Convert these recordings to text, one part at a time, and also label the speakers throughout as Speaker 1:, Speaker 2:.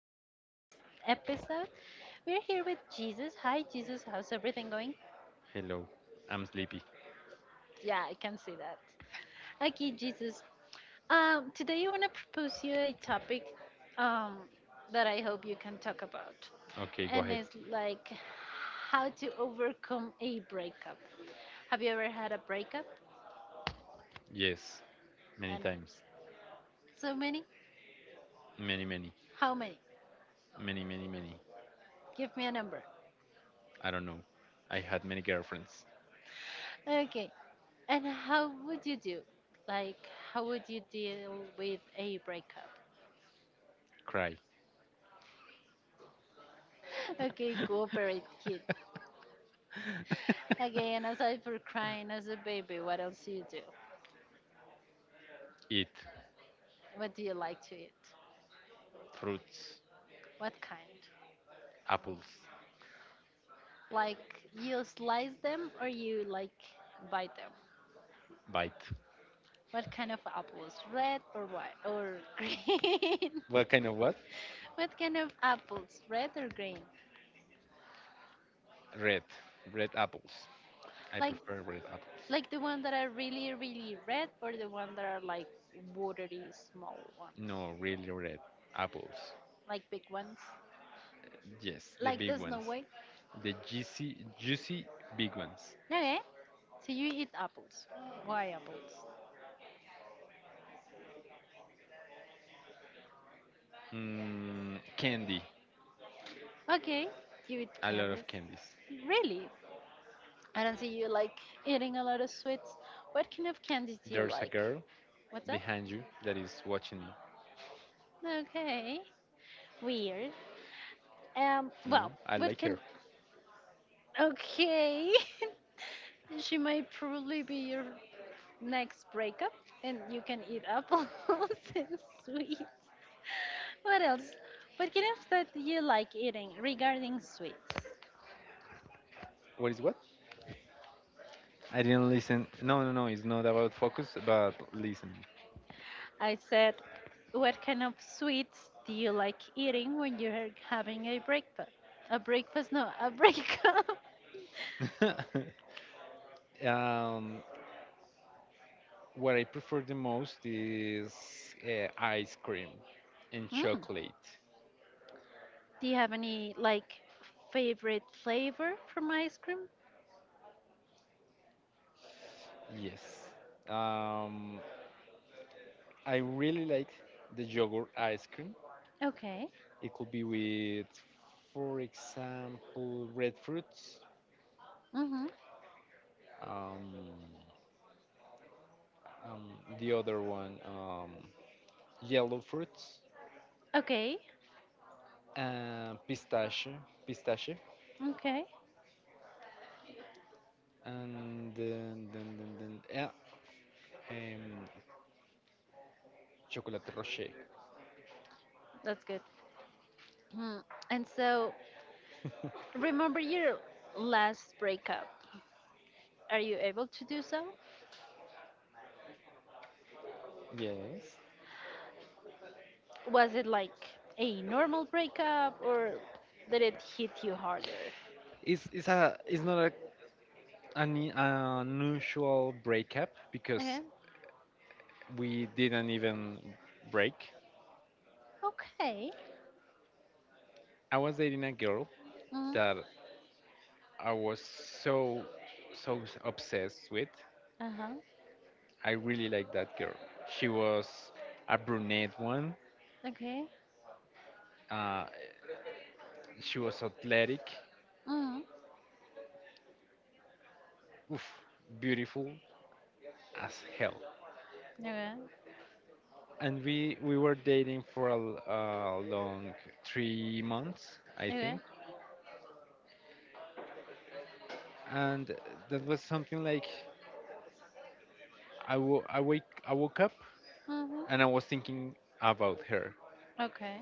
Speaker 1: us into this next episode. We're here with Jesus. Hi, Jesus. How's everything going?
Speaker 2: Hello, I'm sleepy.
Speaker 1: Yeah, I can see that. Okay, Jesus. Today I want to propose you a topic um, that I hope you can talk about,
Speaker 2: Okay, go
Speaker 1: and
Speaker 2: ahead.
Speaker 1: it's like how to overcome a breakup. Have you ever had a breakup?
Speaker 2: Yes, many
Speaker 1: And
Speaker 2: times.
Speaker 1: so many?
Speaker 2: Many, many.
Speaker 1: How many?
Speaker 2: Many, many, many.
Speaker 1: Give me a number.
Speaker 2: I don't know. I had many girlfriends.
Speaker 1: Okay. And how would you do? Like, how would you deal with a breakup?
Speaker 2: Cry.
Speaker 1: Okay, cooperate, kid. Okay, and aside for crying as a baby, what else do you do?
Speaker 2: Eat
Speaker 1: What do you like to eat?
Speaker 2: fruits,
Speaker 1: What kind?
Speaker 2: apples,
Speaker 1: Like, you slice them or you like bite them?
Speaker 2: bite.
Speaker 1: What kind of apples? Red or white or green?
Speaker 2: What kind of what?
Speaker 1: What kind of apples? Red or green?
Speaker 2: Red. Red apples. I
Speaker 1: Like,
Speaker 2: prefer red apples.
Speaker 1: like the one that are really, really red or the one that are like watery small ones?
Speaker 2: No, really red apples.
Speaker 1: Like big ones,
Speaker 2: Yes, the
Speaker 1: like
Speaker 2: big
Speaker 1: the snow
Speaker 2: ones.
Speaker 1: white.
Speaker 2: The juicy, juicy big ones.
Speaker 1: Okay, so you eat apples. Why apples?
Speaker 2: Candy.
Speaker 1: Okay, you eat
Speaker 2: A lot
Speaker 1: candies.
Speaker 2: of candies.
Speaker 1: Really? I don't see you like eating a lot of sweets. What kind of candies do you
Speaker 2: There's a
Speaker 1: like?
Speaker 2: girl
Speaker 1: What's that?
Speaker 2: behind you that is watching me.
Speaker 1: Okay, weird.
Speaker 2: No,
Speaker 1: Well,
Speaker 2: I
Speaker 1: what
Speaker 2: like
Speaker 1: can?
Speaker 2: her.
Speaker 1: Okay, she might probably be your next breakup and you can eat apples and sweets. What else? What kind of that you like eating regarding sweets?
Speaker 2: What is what? I didn't listen. No, no, no. It's not about focus, but listen.
Speaker 1: I said, what kind of sweets do you like eating when you're having a breakfast? A breakfast? No, a breakup.
Speaker 2: um, what I prefer the most is ice cream and
Speaker 1: Mm.
Speaker 2: chocolate.
Speaker 1: Do you have any like favorite flavor from ice cream?
Speaker 2: Yes. Um, I really like the yogurt ice cream.
Speaker 1: Okay.
Speaker 2: It could be with, for example, red fruits.
Speaker 1: Mhm.
Speaker 2: Um, um, the other one, yellow fruits,
Speaker 1: Okay.
Speaker 2: and pistachio,
Speaker 1: Okay.
Speaker 2: and then yeah, um, chocolate rocher.
Speaker 1: That's good. Mm. And so, remember your last breakup. Are you able to do so?
Speaker 2: Yes,
Speaker 1: Was it like a normal breakup or did it hit you harder?
Speaker 2: it's not a an unusual breakup
Speaker 1: Okay.
Speaker 2: because we didn't even break.
Speaker 1: Okay.
Speaker 2: I was dating a girl
Speaker 1: Mm.
Speaker 2: that I was so so obsessed with.
Speaker 1: Uh huh.
Speaker 2: I really liked that girl. She was a brunette one.
Speaker 1: Okay.
Speaker 2: Uh, she was athletic,
Speaker 1: Mm.
Speaker 2: oof, beautiful as hell.
Speaker 1: Okay.
Speaker 2: And we were dating for a long 3 months, I
Speaker 1: Okay.
Speaker 2: think. And that was something like I woke up, and I was
Speaker 1: Mm-hmm.
Speaker 2: thinking about her,
Speaker 1: Okay.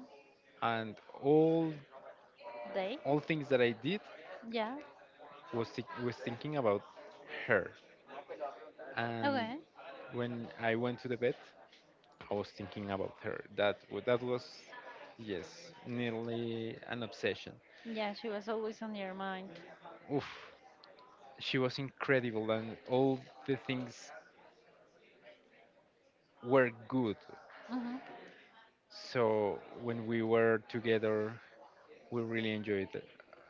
Speaker 2: and all
Speaker 1: They?
Speaker 2: all things that I did
Speaker 1: Yeah.
Speaker 2: was thinking about her. And
Speaker 1: Okay.
Speaker 2: when I went to the bed, I was thinking about her. That was, yes, nearly an obsession.
Speaker 1: Yeah, she was always on your mind.
Speaker 2: Oof, she was incredible, and all the things were good.
Speaker 1: Mm-hmm.
Speaker 2: So when we were together, we really enjoyed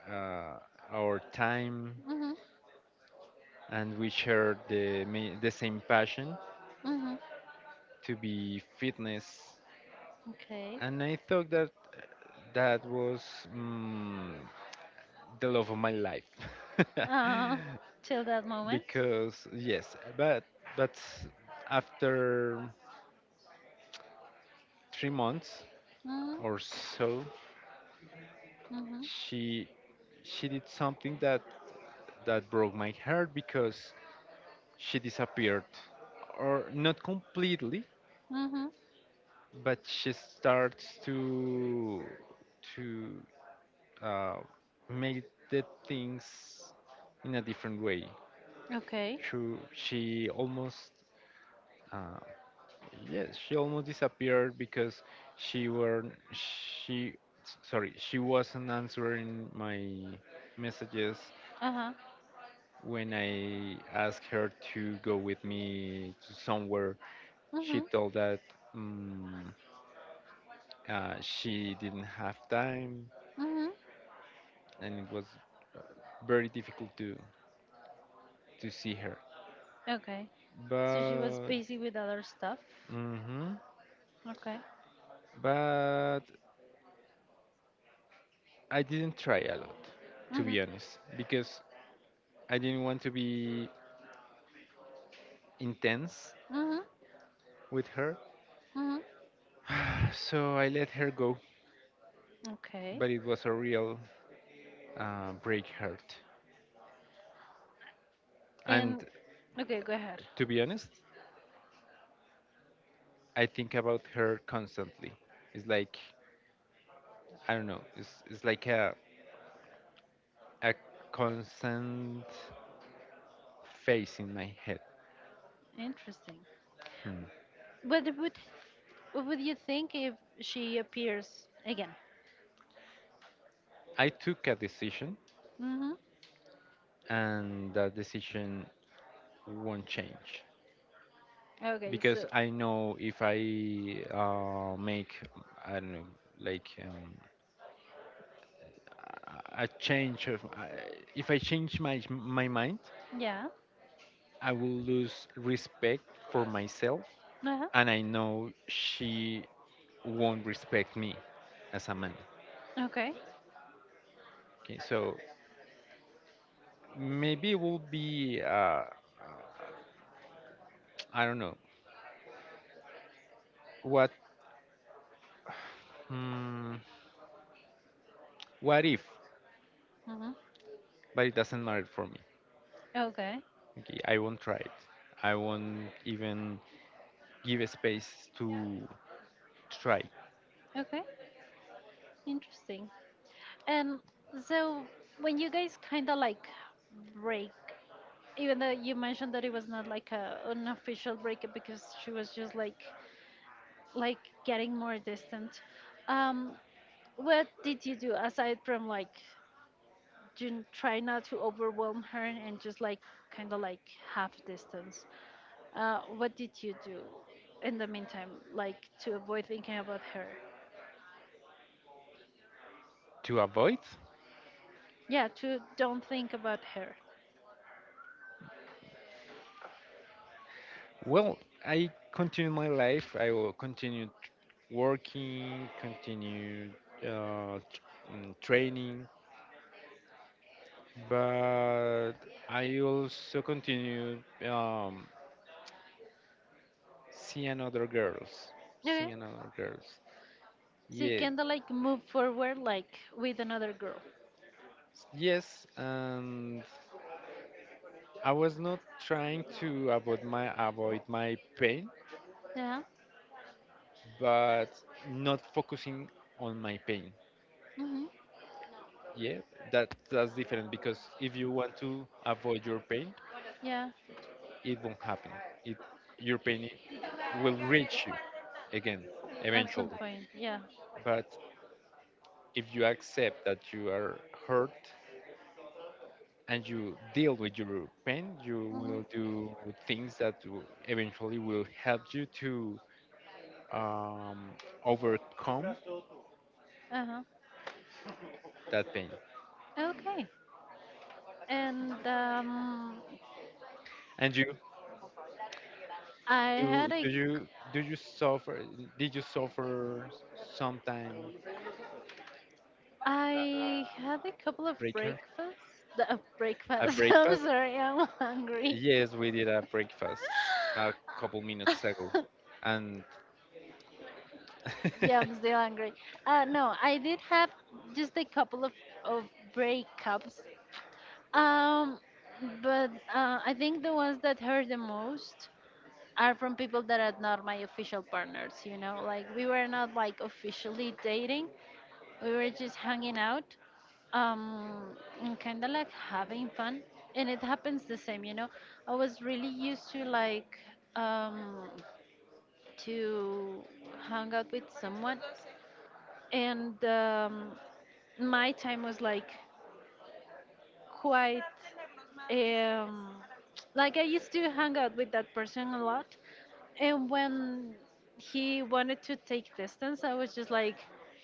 Speaker 2: uh, our time,
Speaker 1: Mm-hmm.
Speaker 2: and we shared the same passion
Speaker 1: Mm-hmm.
Speaker 2: to be fitness.
Speaker 1: Okay.
Speaker 2: And I thought that that was. mm the love of my life.
Speaker 1: uh, Till that moment.
Speaker 2: Because yes, but after 3 months
Speaker 1: Mm,
Speaker 2: or so,
Speaker 1: mhm.
Speaker 2: she she did something that broke my heart because she disappeared, or not completely,
Speaker 1: Mhm.
Speaker 2: but she starts to to uh, make the things in a different way.
Speaker 1: Okay.
Speaker 2: She, she almost uh, Yes, she almost disappeared because she were she s- sorry she wasn't answering my messages
Speaker 1: Uh huh.
Speaker 2: when I asked her to go with me to somewhere. She
Speaker 1: Mhm.
Speaker 2: told that um, she didn't have time,
Speaker 1: Mhm.
Speaker 2: and it was very difficult to see her.
Speaker 1: Okay. So she was
Speaker 2: But,
Speaker 1: busy with other stuff.
Speaker 2: mhm,
Speaker 1: Okay.
Speaker 2: but I didn't try a lot, to
Speaker 1: Mhm.
Speaker 2: be honest, because I didn't want to be intense
Speaker 1: Mhm.
Speaker 2: with her.
Speaker 1: Mhm.
Speaker 2: So I let her go,
Speaker 1: Okay.
Speaker 2: but it was a real break hurt. And,
Speaker 1: And okay, go ahead.
Speaker 2: to be honest, I think about her constantly. It's like, I don't know, it's like a constant face in my head.
Speaker 1: Interesting.
Speaker 2: Hmm.
Speaker 1: What would what would you think if she appears again?
Speaker 2: I took a decision,
Speaker 1: Mm-hmm.
Speaker 2: and that decision won't change,
Speaker 1: Okay,
Speaker 2: because
Speaker 1: so
Speaker 2: I know if I make, I don't know, like, a change of, if I change my mind,
Speaker 1: yeah.
Speaker 2: I will lose respect for myself,
Speaker 1: Uh-huh.
Speaker 2: and I know she won't respect me as a man.
Speaker 1: Okay.
Speaker 2: Okay, so maybe it will be, I don't know what, hmm, what if,
Speaker 1: Mm-hmm.
Speaker 2: but it doesn't matter for me.
Speaker 1: Okay.
Speaker 2: Okay, I won't try it. I won't even give a space to try.
Speaker 1: Okay. Interesting. And so when you guys kind of like break, even though you mentioned that it was not like a unofficial breakup because she was just like getting more distant. Um, what did you do aside from like Jun try not to overwhelm her and just like kind of like half distance. What did you do in the meantime, like to avoid thinking about her?
Speaker 2: To avoid.
Speaker 1: Yeah, to don't think about her.
Speaker 2: Well, I continued my life. I will continue, working, continue, training, but I also continue, um, see another girls, seeing
Speaker 1: Okay.
Speaker 2: another girls.
Speaker 1: So you
Speaker 2: Yeah,
Speaker 1: kind of like move forward like with another girl.
Speaker 2: yes, and I was not trying to avoid my pain,
Speaker 1: Yeah.
Speaker 2: but not focusing on my pain.
Speaker 1: Mhm.
Speaker 2: Yeah, that's different, because if you want to avoid your pain,
Speaker 1: Yeah.
Speaker 2: it won't happen. It, your pain will reach you again
Speaker 1: At some
Speaker 2: eventually.
Speaker 1: point. Yeah.
Speaker 2: But if you accept that you are hurt, and you deal with your pain, you will
Speaker 1: Mhm.
Speaker 2: do things that will eventually will help you to um, overcome
Speaker 1: Uh huh.
Speaker 2: that pain.
Speaker 1: Okay. And
Speaker 2: And you,
Speaker 1: I
Speaker 2: do
Speaker 1: had a
Speaker 2: do you do you suffer? Did you suffer sometime,
Speaker 1: I had a couple of
Speaker 2: breaker?
Speaker 1: breakfasts.
Speaker 2: A
Speaker 1: Breakfast. I'm
Speaker 2: breakfast?
Speaker 1: sorry, I'm hungry.
Speaker 2: Yes, we did a breakfast a couple minutes ago. And hmm
Speaker 1: Yeah, I'm still hungry. No, I did have just a couple of breakups. Um, but I think the ones that hurt the most are from people that are not my official partners, you know? Like, we were not like officially dating, we were just hanging out um, and kind of like having fun. And it happens the same, you know. I was really used to like um, to hang out with someone, and my time was like quite um, like I used to hang out with that person a lot, and when he wanted to take distance, I was just like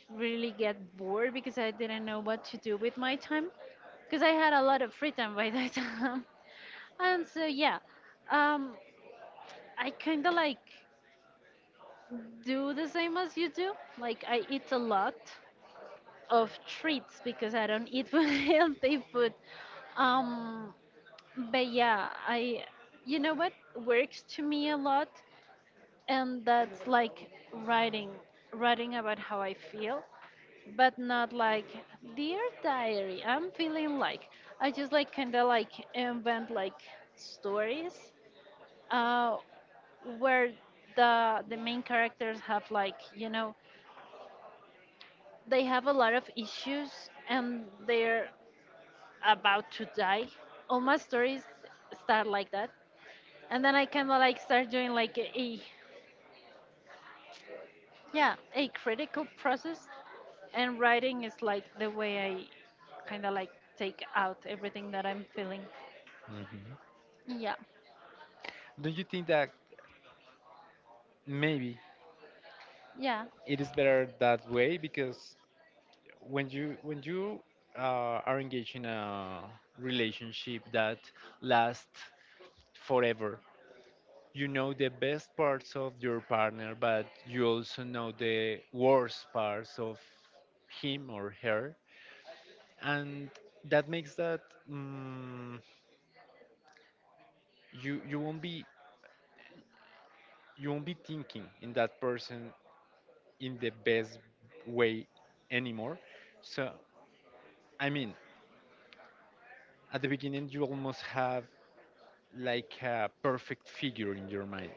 Speaker 1: really get bored because I didn't know what to do with my time because I had a lot of free time by that time. And so yeah, um, I kind of like do the same as you do. Like I eat a lot of treats because I don't eat healthy food. Um, but yeah, I you know what works to me a lot, and that's like writing about how I feel, but not like dear diary I'm feeling like, I just like kind of like invent like stories uh where the main characters have, like, you know, they have a lot of issues and they're about to die. All my stories start like that, and then I kind of like start doing like a, yeah, a critical process. And writing is like the way I kind of like take out everything that I'm feeling. Yeah.
Speaker 2: don't you think that maybe
Speaker 1: Yeah.
Speaker 2: it is better that way? Because when you are engaged in a relationship that lasts forever, you know the best parts of your partner, but you also know the worst parts of him or her, and that makes that, mm you won't be thinking in that person in the best way anymore. So, I mean, at the beginning, you almost have like a perfect figure in your mind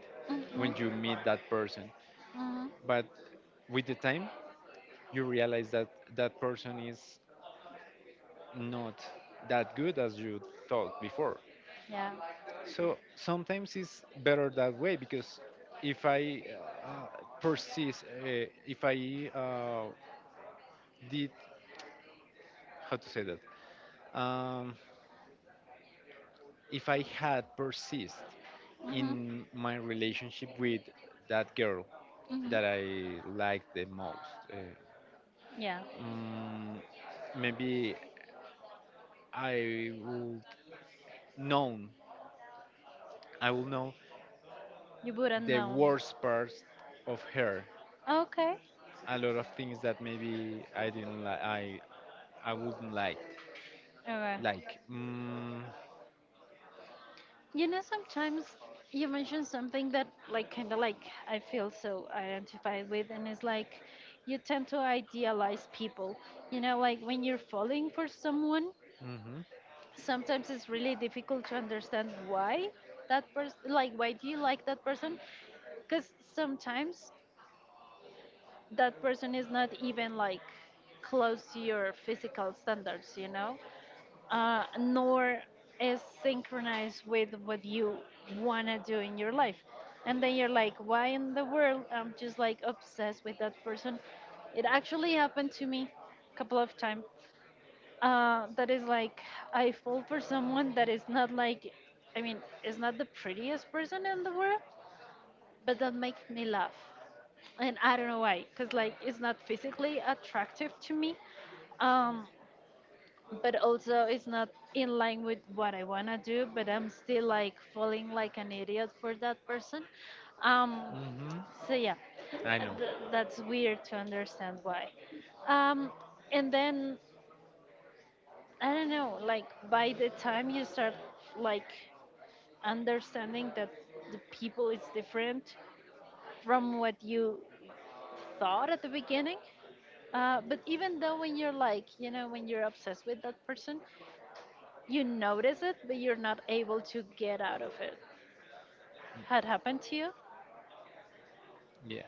Speaker 2: when
Speaker 1: Mhm.
Speaker 2: you meet that person.
Speaker 1: Mhm.
Speaker 2: But with the time, you realize that that person is not that good as you thought before.
Speaker 1: Yeah.
Speaker 2: So sometimes it's better that way, because if I, uh, persist, if I did, how to say that? um, if I had persist
Speaker 1: Mhm.
Speaker 2: in my relationship with that girl
Speaker 1: Mhm.
Speaker 2: that I liked the most, uh,
Speaker 1: Yeah.
Speaker 2: mm, maybe I would know. I will know
Speaker 1: You wouldn't
Speaker 2: the
Speaker 1: know.
Speaker 2: worst parts of her.
Speaker 1: Okay.
Speaker 2: A lot of things that maybe I didn't like. I wouldn't like.
Speaker 1: Okay.
Speaker 2: Like. Mm,
Speaker 1: You know, sometimes you mention something that, like, kind of like I feel so identified with, and it's like you tend to idealize people. You know, like when you're falling for someone,
Speaker 2: mhm.
Speaker 1: sometimes it's really difficult to understand why that person, like, why do you like that person, because sometimes that person is not even like close to your physical standards, you know, nor is synchronized with what you want to do in your life, and then you're like, why in the world I'm just like obsessed with that person. It actually happened to me a couple of times, that is like, I fall for someone that is not like, I mean, is not the prettiest person in the world, but that makes me laugh, and I don't know why, cause like it's not physically attractive to me, um, but also it's not in line with what I wanna do, but I'm still like falling like an idiot for that person, um,
Speaker 2: Mhm.
Speaker 1: so yeah,
Speaker 2: I know.
Speaker 1: that's weird to understand why, um, and then I don't know, like by the time you start like understanding that the people is different from what you thought at the beginning. But even though when you're like, you know, when you're obsessed with that person, you notice it, but you're not able to get out of it. Had happened to you?
Speaker 2: Yeah.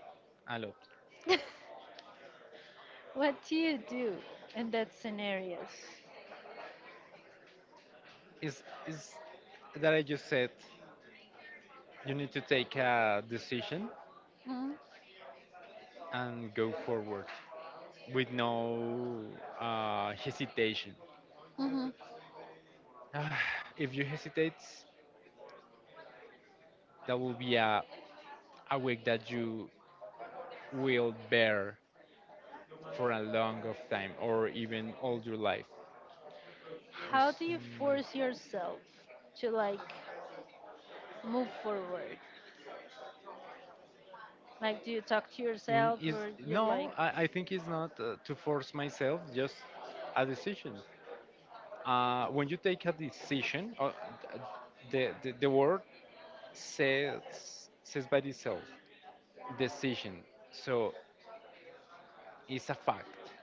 Speaker 2: A lot.
Speaker 1: What do you do in that scenarios?
Speaker 2: Is that I just said, you need to take a decision
Speaker 1: Hmm.
Speaker 2: and go forward with no hesitation.
Speaker 1: Hmm.
Speaker 2: If you hesitate, that will be a week that you will bear for a long of time or even all your life.
Speaker 1: How
Speaker 2: It's,
Speaker 1: do you force yourself to like move forward? Like, do you talk to
Speaker 2: mm, mm,
Speaker 1: yourself
Speaker 2: is
Speaker 1: or you're like,
Speaker 2: no, I think it's not, to force myself, just a decision. When you take a decision, the word says, says by itself, decision. So it's a fact.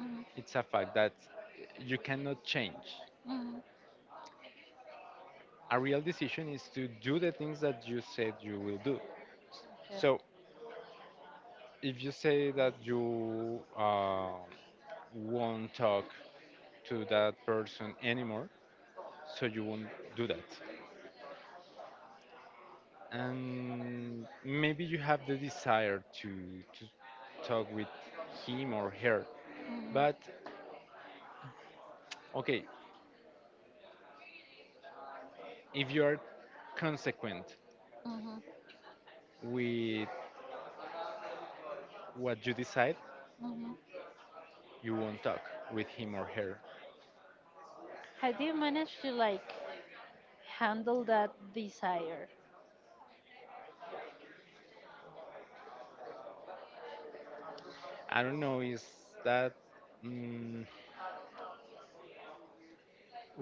Speaker 1: mm,
Speaker 2: It's a fact that you cannot change.
Speaker 1: mm,
Speaker 2: A real decision is to do the things that you said you will do.
Speaker 1: okay.
Speaker 2: So if you say that you won't talk to that person anymore, so you won't do that. And maybe you have the desire to talk with him or her.
Speaker 1: Mm,
Speaker 2: But okay, if you are consequent
Speaker 1: mhm,
Speaker 2: with what you decide,
Speaker 1: mhm.
Speaker 2: you won't talk with him or her.
Speaker 1: How do you manage to like handle that desire?
Speaker 2: I don't know, is that. Mm,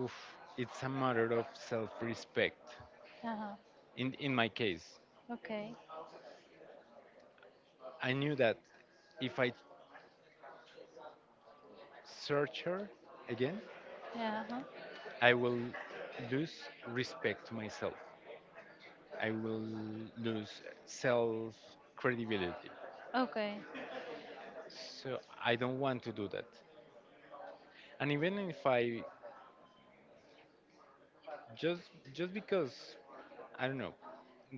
Speaker 2: oof, it's a matter of self respect.
Speaker 1: Uh-huh.
Speaker 2: In my case,
Speaker 1: Okay.
Speaker 2: I knew that if I search her again,
Speaker 1: Yeah. Uh-huh.
Speaker 2: I will lose respect to myself. I will lose self credibility.
Speaker 1: Okay.
Speaker 2: So I don't want to do that. And even if I, just because I don't know,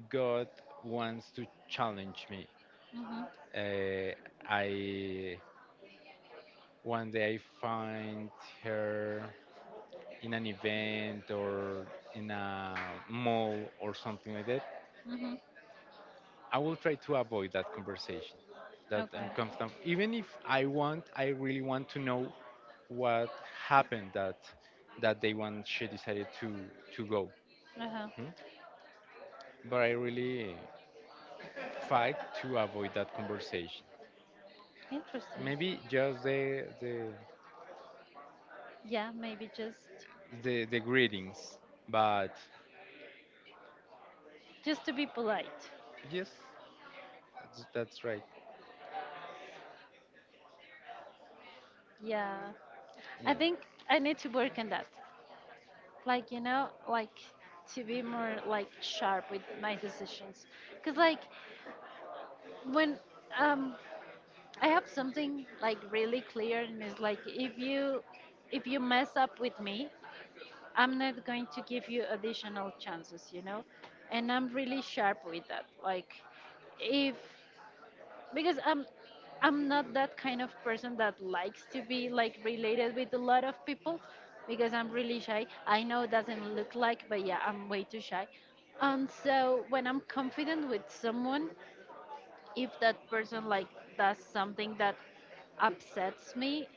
Speaker 2: God wants to challenge me.
Speaker 1: Mhm.
Speaker 2: Uh, I one day I find her in an event or in a mall or something like that.
Speaker 1: Mhm.
Speaker 2: I will try to avoid that conversation, that
Speaker 1: Okay.
Speaker 2: uncomfortable. Even if I want, I really want to know what happened that day when she decided to go.
Speaker 1: Uh-huh.
Speaker 2: Hmm? But I really fight to avoid that conversation.
Speaker 1: Interesting.
Speaker 2: Maybe just the the
Speaker 1: Yeah, maybe just
Speaker 2: the, the greetings, but
Speaker 1: just to be polite.
Speaker 2: yes. That's right.
Speaker 1: Yeah. I
Speaker 2: Yeah.
Speaker 1: think I need to work on that. Like, you know, like, to be more like sharp with my decisions, because like when um I have something like really clear and it's like if you, if you mess up with me I'm not going to give you additional chances, you know, and I'm really sharp with that. Like, if, because I'm not that kind of person that likes to be like related with a lot of people, because I'm really shy. I know it doesn't look like, but yeah, I'm way too shy. And so when I'm confident with someone, if that person like does something that upsets me,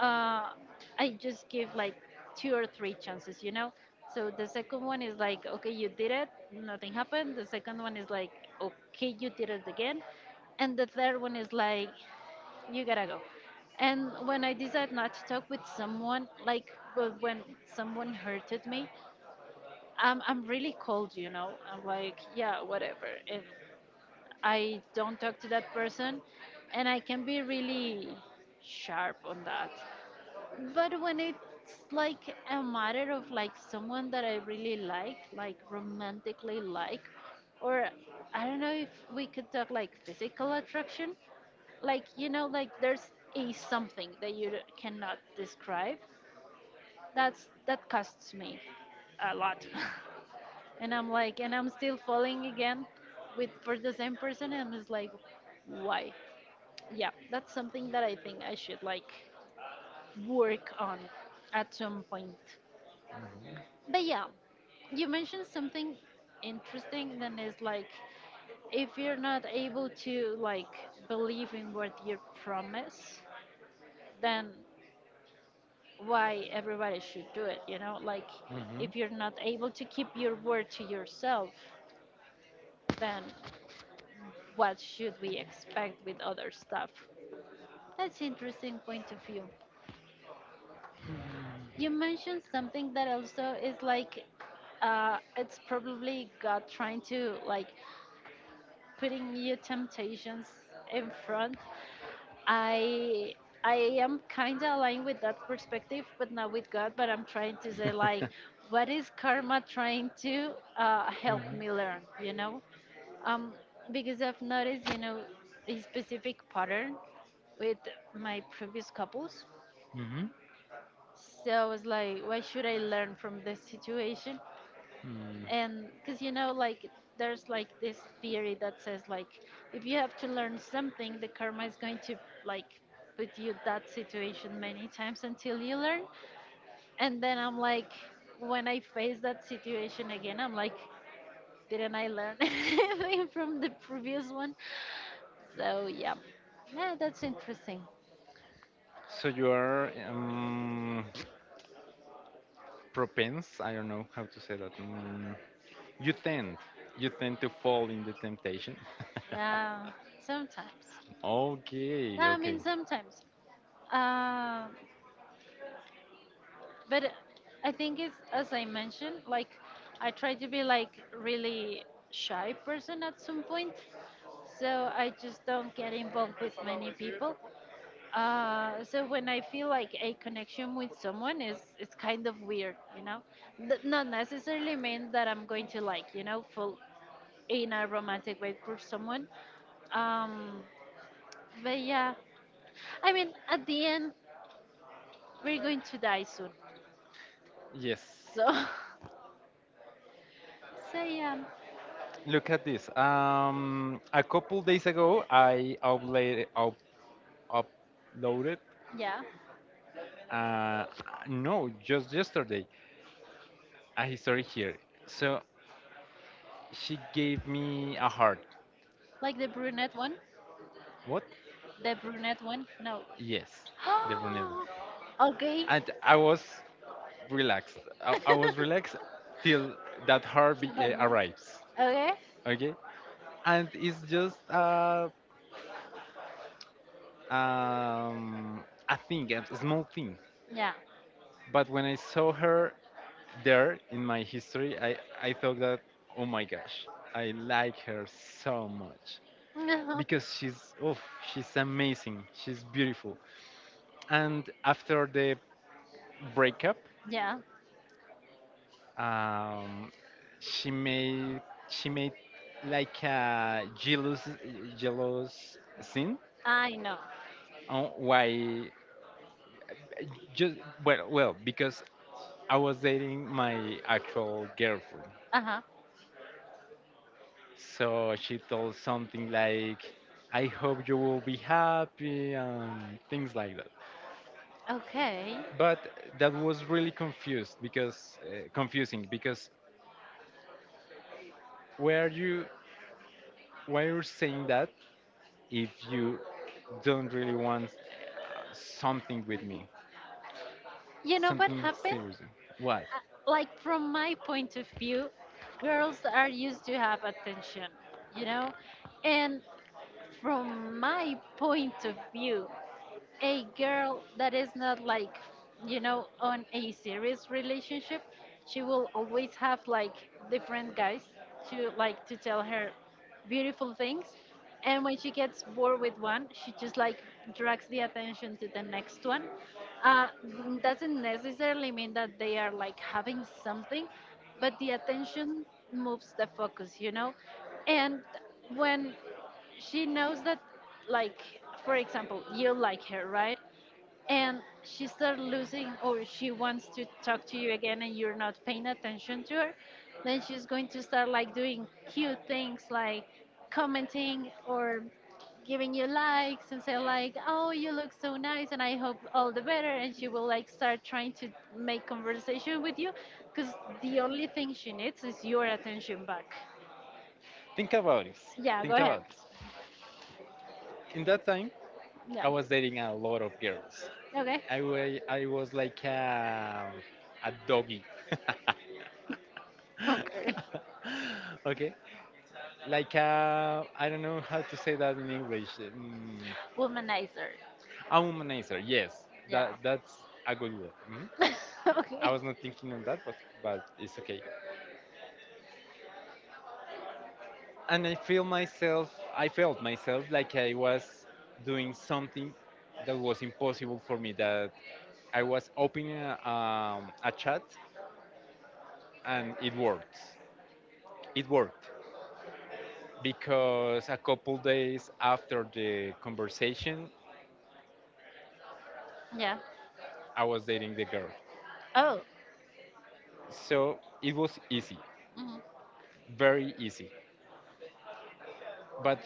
Speaker 1: uh, I just give like two or three chances, you know? So the second one is like, okay, you did it, nothing happened. The second one is like, okay, you did it again. And the third one is like, you gotta go. And when I decide not to talk with someone, like, well, when someone hurted me, I'm really cold, you know? I'm like, yeah, whatever. And I don't talk to that person, and I can be really sharp on that. But when it's like a matter of like someone that I really like romantically, like, or I don't know if we could talk like physical attraction, like, you know, like there's a something that you cannot describe. That's, that costs me a lot. And I'm like, and I'm still falling again with, for the same person, and I'm just like, why? Yeah, that's something that I think I should like work on at some point. But yeah, you mentioned something interesting. Then is like, if you're not able to like believe in what you promise, then why everybody should do it? You know, like
Speaker 2: Mhm.
Speaker 1: if you're not able to keep your word to yourself, then what should we expect with other stuff. That's interesting point of view. You mentioned something that also is like it's probably God trying to like putting new temptations in front. I I am kind of aligned with that perspective, but not with God. But I'm trying to say like, what is karma trying to help me learn? You know, Um, because I've noticed, you know, a specific pattern with my previous couples.
Speaker 2: Mhm.
Speaker 1: So I was like, what should I learn from this situation?
Speaker 2: Mm.
Speaker 1: And because, you know, like, there's like this theory that says, like, if you have to learn something, the karma is going to, like, put you that situation many times until you learn. And then I'm like, when I face that situation again, I'm like, didn't I learn anything from the previous one? So yeah, yeah, that's interesting.
Speaker 2: So you are, propense. I don't know how to say that. You tend. You tend to fall in the temptation.
Speaker 1: Yeah, sometimes. No,
Speaker 2: Okay.
Speaker 1: I
Speaker 2: Okay.
Speaker 1: mean sometimes. Um, but I think it's as I mentioned, like I try to be like really shy person at some point, so I just don't get involved with many people. So when I feel like a connection with someone is, it's kind of weird, you know. Not necessarily mean that I'm going to like, you know, fall in a romantic way for someone. Um, but yeah, I mean, at the end, we're going to die soon.
Speaker 2: Yes.
Speaker 1: So, so yeah,
Speaker 2: Look at this. A couple days ago, I uploaded
Speaker 1: yeah,
Speaker 2: uh, no, just yesterday, a history here. So she gave me a heart.
Speaker 1: like the brunette one,
Speaker 2: What?
Speaker 1: the brunette one. No.
Speaker 2: Yes, the brunette.
Speaker 1: Okay.
Speaker 2: And I was relaxed.
Speaker 1: So
Speaker 2: I was relaxed till that heart
Speaker 1: that one.
Speaker 2: arrives.
Speaker 1: Okay.
Speaker 2: Okay? And it's just a thing, a small thing.
Speaker 1: Yeah.
Speaker 2: But when I saw her there in my history, I thought that, oh my gosh, I like her so much. Because she's, oh, she's amazing. She's beautiful, and after the breakup,
Speaker 1: Yeah,
Speaker 2: um, she made she made like a jealous scene
Speaker 1: I know.
Speaker 2: on why, just, well because I was dating my actual girlfriend,
Speaker 1: Uh huh.
Speaker 2: so she told something like, I hope you will be happy, and things like that.
Speaker 1: Okay.
Speaker 2: But that was really confused because confusing because, why are you why you're saying that, if you don't really want something with me,
Speaker 1: You know what
Speaker 2: something
Speaker 1: happened?
Speaker 2: serious. Why?
Speaker 1: Like, from my point of view, girls are used to have attention, you know? And from my point of view, a girl that is not like, you know, on a serious relationship, she will always have like different guys to like to tell her beautiful things, and when she gets bored with one she just like drags the attention to the next one. Doesn't necessarily mean that they are like having something, but the attention moves the focus, you know. And when she knows that, like, for example, you like her, right, and she starts losing, or she wants to talk to you again and you're not paying attention to her, then she's going to start like doing cute things like commenting or giving you likes and say like, oh, you look so nice and I hope all the better, and she will like start trying to make conversation with you, because the only thing she needs is your attention back.
Speaker 2: Think about this.
Speaker 1: Yeah, go
Speaker 2: Think
Speaker 1: ahead.
Speaker 2: about this. In that time,
Speaker 1: Yeah.
Speaker 2: I was dating a lot of girls.
Speaker 1: Okay.
Speaker 2: I was like a doggy.
Speaker 1: Okay.
Speaker 2: Okay? Like a, I don't know how to say that in English.
Speaker 1: Womanizer.
Speaker 2: A womanizer, yes.
Speaker 1: Yeah.
Speaker 2: That's a good word. Mhm. I
Speaker 1: Okay.
Speaker 2: was not thinking on that, but it's okay. And I felt myself like I was doing something that was impossible for me. That I was opening a chat, and it worked. It worked because a couple days after the conversation,
Speaker 1: Yeah.
Speaker 2: I was dating the girl.
Speaker 1: Oh.
Speaker 2: So it was easy,
Speaker 1: Mhm.
Speaker 2: very easy. But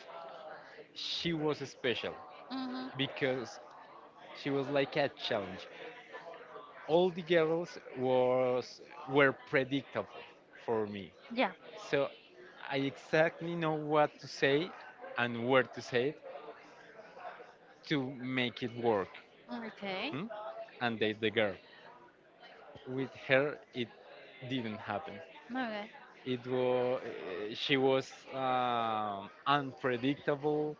Speaker 2: she was special,
Speaker 1: Mhm.
Speaker 2: because she was like a challenge. All the girls was were predictable for me.
Speaker 1: Yeah.
Speaker 2: So I exactly know what to say and where to say it to make it work,
Speaker 1: Okay.
Speaker 2: hmm? and date the girl. With her, it didn't happen.
Speaker 1: Okay.
Speaker 2: It was she was unpredictable.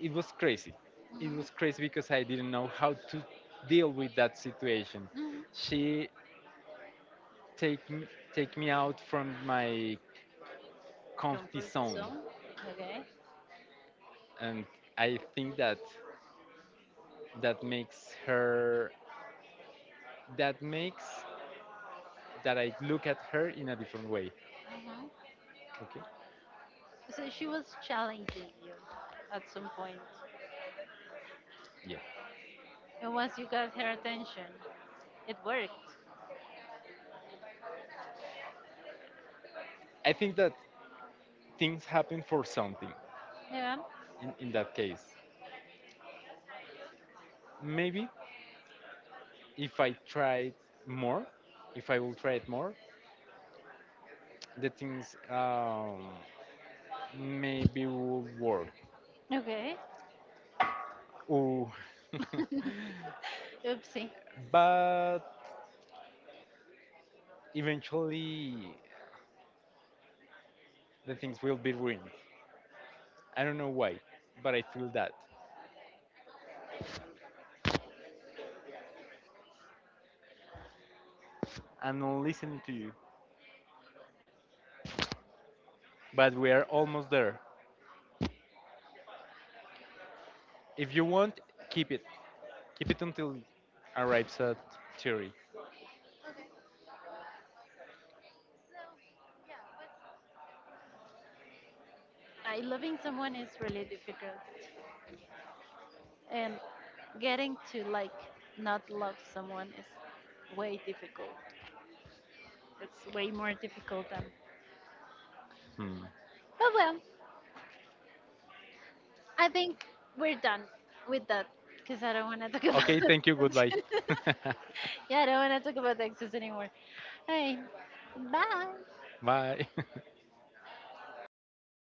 Speaker 2: It was crazy. It
Speaker 1: Mhm.
Speaker 2: was crazy because I didn't know how to deal with that situation.
Speaker 1: Mhm.
Speaker 2: She take me, take me out from my comfy
Speaker 1: Comfort
Speaker 2: zone,
Speaker 1: zone. Okay.
Speaker 2: and I think that that makes her. That makes that I look at her in a different way.
Speaker 1: Mhm.
Speaker 2: Okay.
Speaker 1: So she was challenging you at some point,
Speaker 2: Yeah.
Speaker 1: and once you got her attention, it worked.
Speaker 2: I think that things happen for something
Speaker 1: Yeah.
Speaker 2: in that case. Maybe if I tried more, if I will try it more, the things, maybe will work.
Speaker 1: Okay.
Speaker 2: Ooh.
Speaker 1: Oopsie.
Speaker 2: But eventually the things will be ruined. I don't know why, but I feel that.
Speaker 1: Okay.
Speaker 2: I'm not listening to you,
Speaker 1: Okay.
Speaker 2: but we are almost there.
Speaker 1: Yeah, I can hear you.
Speaker 2: If you want, keep it. Keep it until arrives at theory.
Speaker 1: Okay. So, yeah, what's, I, loving someone is really difficult. And getting to like not love someone is way difficult. It's way more difficult than.
Speaker 2: Hmm.
Speaker 1: But well, I think we're done with that because I don't want to talk about.
Speaker 2: Okay, thank you. Goodbye.
Speaker 1: Yeah, I don't want to talk about exes anymore. Hey, bye.
Speaker 2: Bye.